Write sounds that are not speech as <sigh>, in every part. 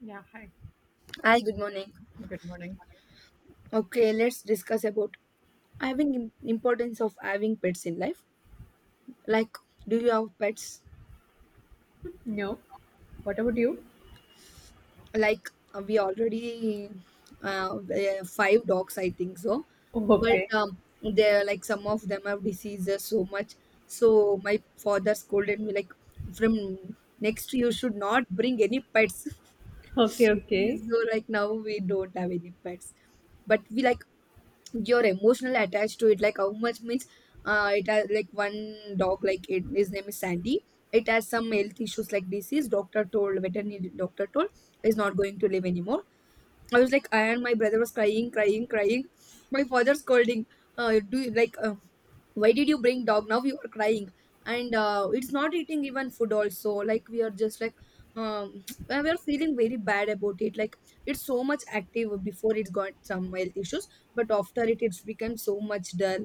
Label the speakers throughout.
Speaker 1: Yeah, hi.
Speaker 2: Hi, good morning.
Speaker 1: Good morning.
Speaker 2: Okay, let's discuss about having importance of having pets in life. Like, do you have pets?
Speaker 1: No. What about you?
Speaker 2: Like, we already five dogs, I think so.
Speaker 1: Oh,
Speaker 2: But
Speaker 1: Okay.
Speaker 2: they're like some of them have diseases so much. So my father scolded me like, from next you should not bring any pets. <laughs>
Speaker 1: Okay, okay.
Speaker 2: So like now we don't have any pets, but we like. You're emotionally attached to it like how much means it has like one dog. Like it, his name is Sandy. It has some health issues like disease, doctor told, veterinary doctor told is not going to live anymore. I was like, I and my brother was crying, crying, crying. My father scolding, do you like, why did you bring dog, now you are crying? And it's not eating even food also, like we are just like um <sniffs> <tsk> we are feeling very bad about it. Like it's so much active before it got some health issues, but after it, it's become so much dull.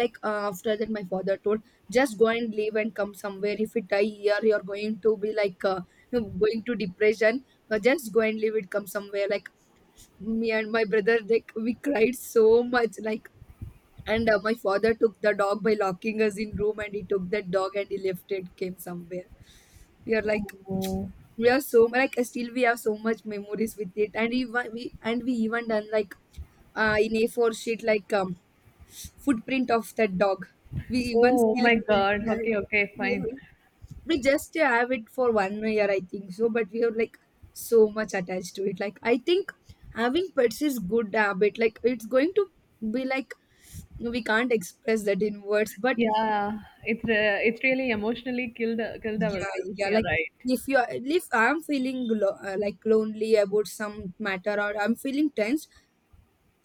Speaker 2: Like after that my father told, just go and leave and come somewhere, if it die here you're going to be like, <laughs> going to depression. Just go and leave it, come somewhere, like me and my brother, like we cried so much. Like, and my father took the dog by locking us in room, and he took that dog and he left it, came somewhere. We are like,
Speaker 1: Oh,
Speaker 2: we are so, like still we have so much memories with it. And we wa- we and we even done like in A4 sheet like footprint of that dog. We even
Speaker 1: Oh
Speaker 2: still
Speaker 1: my
Speaker 2: keep
Speaker 1: God.
Speaker 2: that.
Speaker 1: Okay, okay, fine.
Speaker 2: We, we just have it for one year, I think so, but we are like so much attached to it. Like I think having pets is good habit. Like it's going to be like we can't express that in words, but
Speaker 1: Yeah, it's really emotionally killed
Speaker 2: yeah,
Speaker 1: ourselves.
Speaker 2: yeah.
Speaker 1: Yeah,
Speaker 2: Like
Speaker 1: right.
Speaker 2: if you are, if I'm feeling like lonely about some matter, or I'm feeling tense.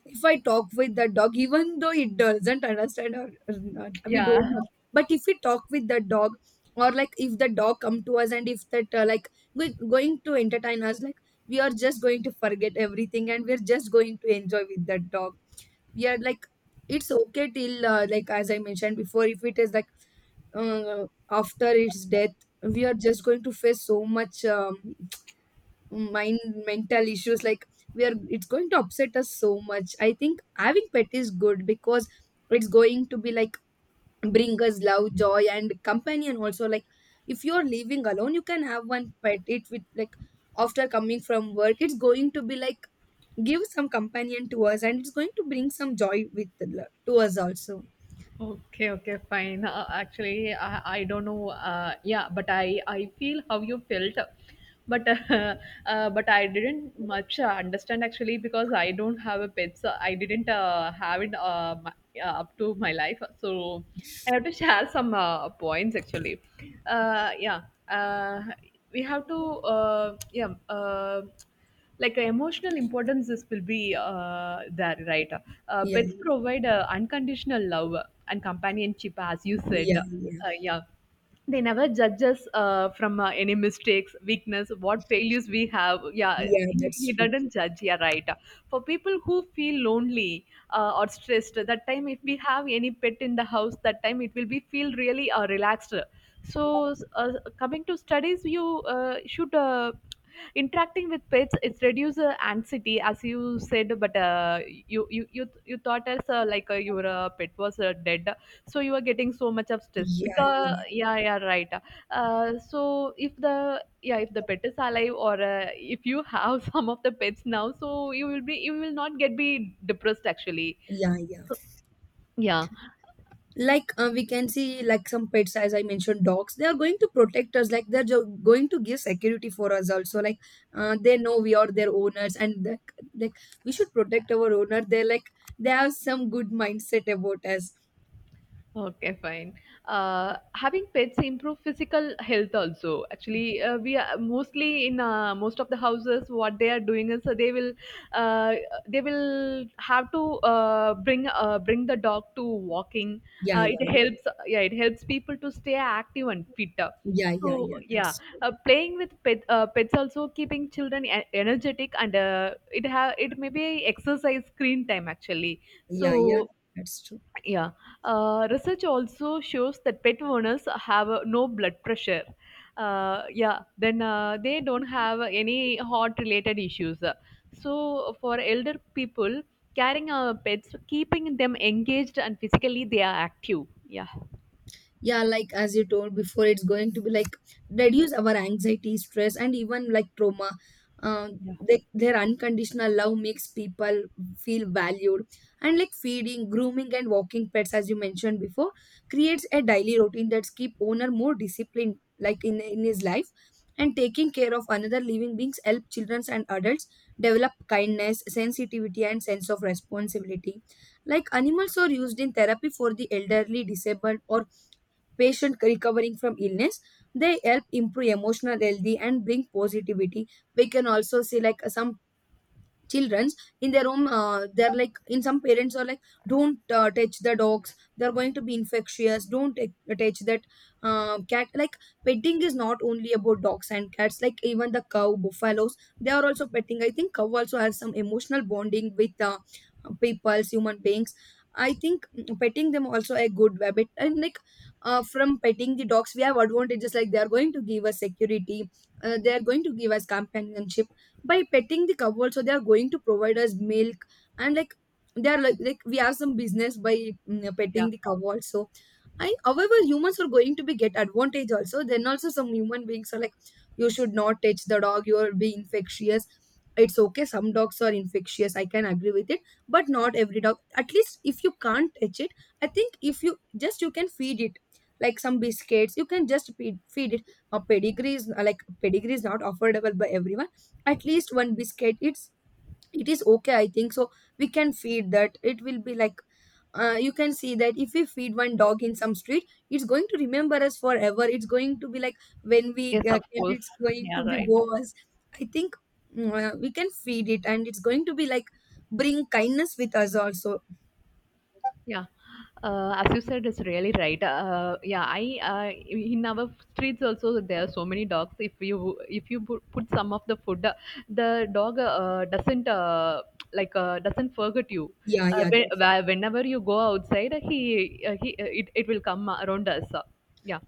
Speaker 2: If I talk with the dog, even though it doesn't understand or not, we
Speaker 1: Yeah,
Speaker 2: don't know, but if we talk with the dog, or like if the dog come to us and if that like going to entertain us, like we are just going to forget everything, and we're just going to enjoy with that dog. We are like, it's okay till like as I mentioned before, if it is like after its death we are just going to face so much mind mental issues like we are, it's going to upset us so much. I think having pet is good because it's going to be like bring us love, joy and companion also. Like if you're living alone, you can have one pet it with like after coming from work, it's going to be like give some companion to us, and it's going to bring some joy with to us also.
Speaker 1: okay, okay, fine. Actually, I don't know. Yeah, but I feel how you felt, but <laughs> but I didn't much understand actually because I don't have a pet, so I didn't have it my, up to my life. So I have to share some points actually. Uh, yeah, uh, we have to yeah. Emotional importance this will be there, right?
Speaker 2: Yeah,
Speaker 1: Pets provide unconditional love and companionship, as you said.
Speaker 2: yeah, yeah,
Speaker 1: Yeah they never judge us from any mistakes, weakness, what failures we have. Yeah,
Speaker 2: yeah,
Speaker 1: he,
Speaker 2: that's
Speaker 1: he
Speaker 2: true.
Speaker 1: doesn't judge, yeah, right. For people who feel lonely or stressed, that time if we have any pet in the house, that time it will be feel really relaxed. so uh, Coming to studies, you should interacting with pets, it reduces anxiety, as you said. But you thought as your pet was dead, so you are getting so much of stress
Speaker 2: Yeah,
Speaker 1: because,
Speaker 2: yeah,
Speaker 1: yeah, yeah, right. So if the, yeah, if the pet is alive, or if you have <laughs> some of the pets now, so you will be, you will not get be depressed actually.
Speaker 2: yeah, yeah.
Speaker 1: Yeah.
Speaker 2: Like we can see, like some pets, as I mentioned, dogs. They are going to protect us. Like they're going to give security for us also. Like they know we are their owners, and like we should protect our owner. They're like they have some good mindset about us.
Speaker 1: Okay, fine. Having pets improve physical health also. Actually, we are mostly in most of the houses. What they are doing is, they will, uh, they will have to bring the dog to walking.
Speaker 2: Yeah, yeah,
Speaker 1: It helps. Yeah, it helps people to stay active and fit.
Speaker 2: yeah, yeah,
Speaker 1: So
Speaker 2: yeah.
Speaker 1: yeah,
Speaker 2: That's true.
Speaker 1: playing with pet, pets also keeping children energetic, and it have, it may be exercise screen time actually.
Speaker 2: Yeah, yeah,
Speaker 1: So
Speaker 2: that's true.
Speaker 1: yeah. Research also shows that pet owners have no blood pressure. Yeah, then they don't have any heart related issues. So, for elder people, carrying our pets, keeping them engaged and physically, they are active. Yeah.
Speaker 2: Yeah, like as you told before, it's going to be like reduce our anxiety, stress and even like trauma.
Speaker 1: Yeah.
Speaker 2: Their unconditional love makes people feel valued, and like feeding, grooming and walking pets as you mentioned before creates a daily routine that's keep owner more disciplined, like in his life. And taking care of another living beings help children and adults develop kindness, sensitivity and sense of responsibility. Like animals are used in therapy for the elderly, disabled, or patient recovering from illness. They help improve emotional healthy and bring positivity. We can also see like some children's in their own. They're like in, some parents are like, don't touch the dogs, they're going to be infectious. Don't touch that cat. Like petting is not only about dogs and cats, like even the cow, buffaloes, they are also petting. I think cow also has some emotional bonding with people, human beings. I think petting them also a good habit. And like from petting the dogs we have advantages like they are going to give us security. They are going to give us companionship. By petting the cow also, they are going to provide us milk. And like they are like, we have some business by
Speaker 1: Yeah.
Speaker 2: petting the cow also. And however humans are going to be get advantage also, then also some human beings are like, you should not touch the dog, you will be infectious. It's okay, some dogs are infectious, I can agree with it, but not every dog. At least if you can't touch it, I think if you just, you can feed it, like some biscuits you can just feed it. A pedigree is like, pedigree is not affordable by everyone. At least one biscuit, it is okay I think so. We can feed that, it will be like you can see that if we feed one dog in some street, it's going to remember us forever. It's going to be like when we
Speaker 1: Yes, of
Speaker 2: came,
Speaker 1: course.
Speaker 2: it's going to
Speaker 1: Yeah,
Speaker 2: be
Speaker 1: right.
Speaker 2: boas. I think we can feed it, and it's going to be like bring kindness with us also.
Speaker 1: Yeah, as you said, it's really right. Yeah, I in our streets also there are so many dogs. If you put some of the food, the dog doesn't doesn't forget you.
Speaker 2: Yeah, yeah, that's.
Speaker 1: Whenever you go outside, he it, it will come around us. Yeah,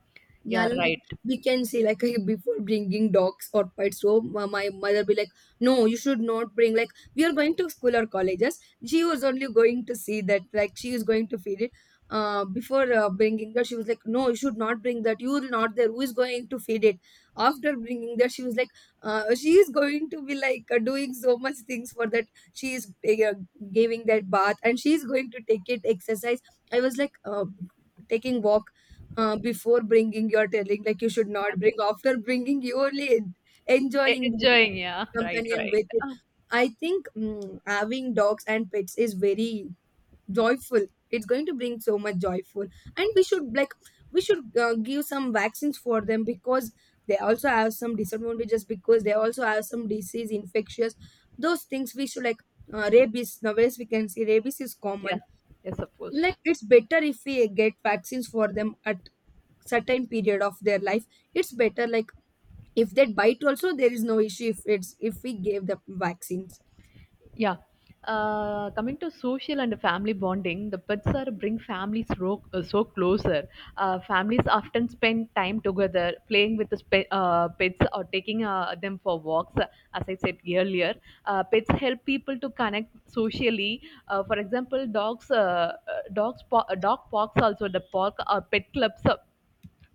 Speaker 2: Yeah,
Speaker 1: yeah,
Speaker 2: like
Speaker 1: right.
Speaker 2: we can say, like <laughs> before bringing dogs or pets home, my mother be like, "No, you should not bring." Like we are going to school or colleges, she was only going to see that. Like she is going to feed it. Before bringing that, she was like, "No, you should not bring that. You will not there. Who is going to feed it?" After bringing that, she was like, "She is going to be like doing so much things for that. She is uh, giving that bath, and she is going to take it exercise." I was like, taking walk. Before bringing your telling like you should not bring, after bringing you only enjoying the
Speaker 1: Enjoying. Yeah, right,
Speaker 2: companion
Speaker 1: right.
Speaker 2: with it. I think having dogs and pets is very joyful, it's going to bring so much joyful. And we should give some vaccines for them, because they also have some disadvantages, because they also have some disease infectious. Those things we should like rabies nowadays we can see rabies is
Speaker 1: Yeah,
Speaker 2: common.
Speaker 1: yes, of course.
Speaker 2: Like it's better if we get vaccines for them at certain period of their life. It's better like if they bite also there is no issue, if it's if we gave the vaccines.
Speaker 1: Yeah. Coming to social and family bonding, the pets are bring families so closer. Families often spend time together playing with the pets or taking them for walks. As I said earlier, pets help people to connect socially. For example, dog parks, also the park or pet clubs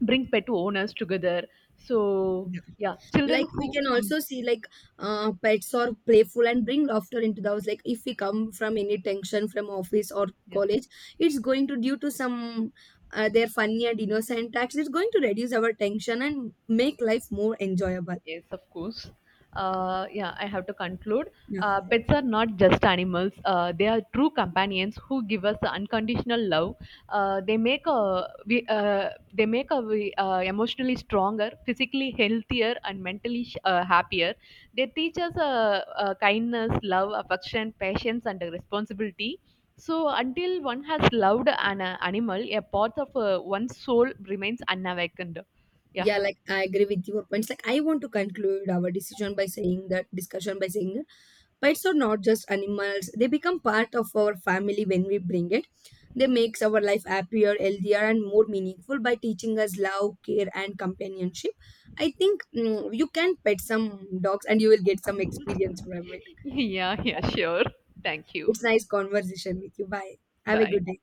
Speaker 1: bring pet owners together. So
Speaker 2: Yeah.
Speaker 1: yeah,
Speaker 2: Like
Speaker 1: children
Speaker 2: we
Speaker 1: who,
Speaker 2: can
Speaker 1: mm,
Speaker 2: also see like pets are playful and bring laughter into the house, like if we come from any tension from office or
Speaker 1: yeah.
Speaker 2: college, it's going to due to some their funny and innocent acts, it's going to reduce our tension and make life more enjoyable.
Speaker 1: Yes, of course. Yeah, I have to conclude.
Speaker 2: Yeah, yeah, yeah.
Speaker 1: Pets are not just animals, they are true companions who give us unconditional love. They make a, we, emotionally stronger, physically healthier, and mentally happier. They teach us kindness, love, affection, patience, and responsibility. So, until one has loved an animal, a part of one's soul remains unawakened. Yeah.
Speaker 2: Yeah, like I agree with your points, like I want to conclude our decision by saying that, discussion by saying, pets are not just animals, they become part of our family when we bring it. They makes our life happier, healthier, and more meaningful by teaching us love, care, and companionship. I think you can pet some dogs and you will get some experience from it.
Speaker 1: <laughs> Yeah, yeah, sure. Thank you.
Speaker 2: It's nice conversation with you. Bye. Have a
Speaker 1: Bye.
Speaker 2: good day.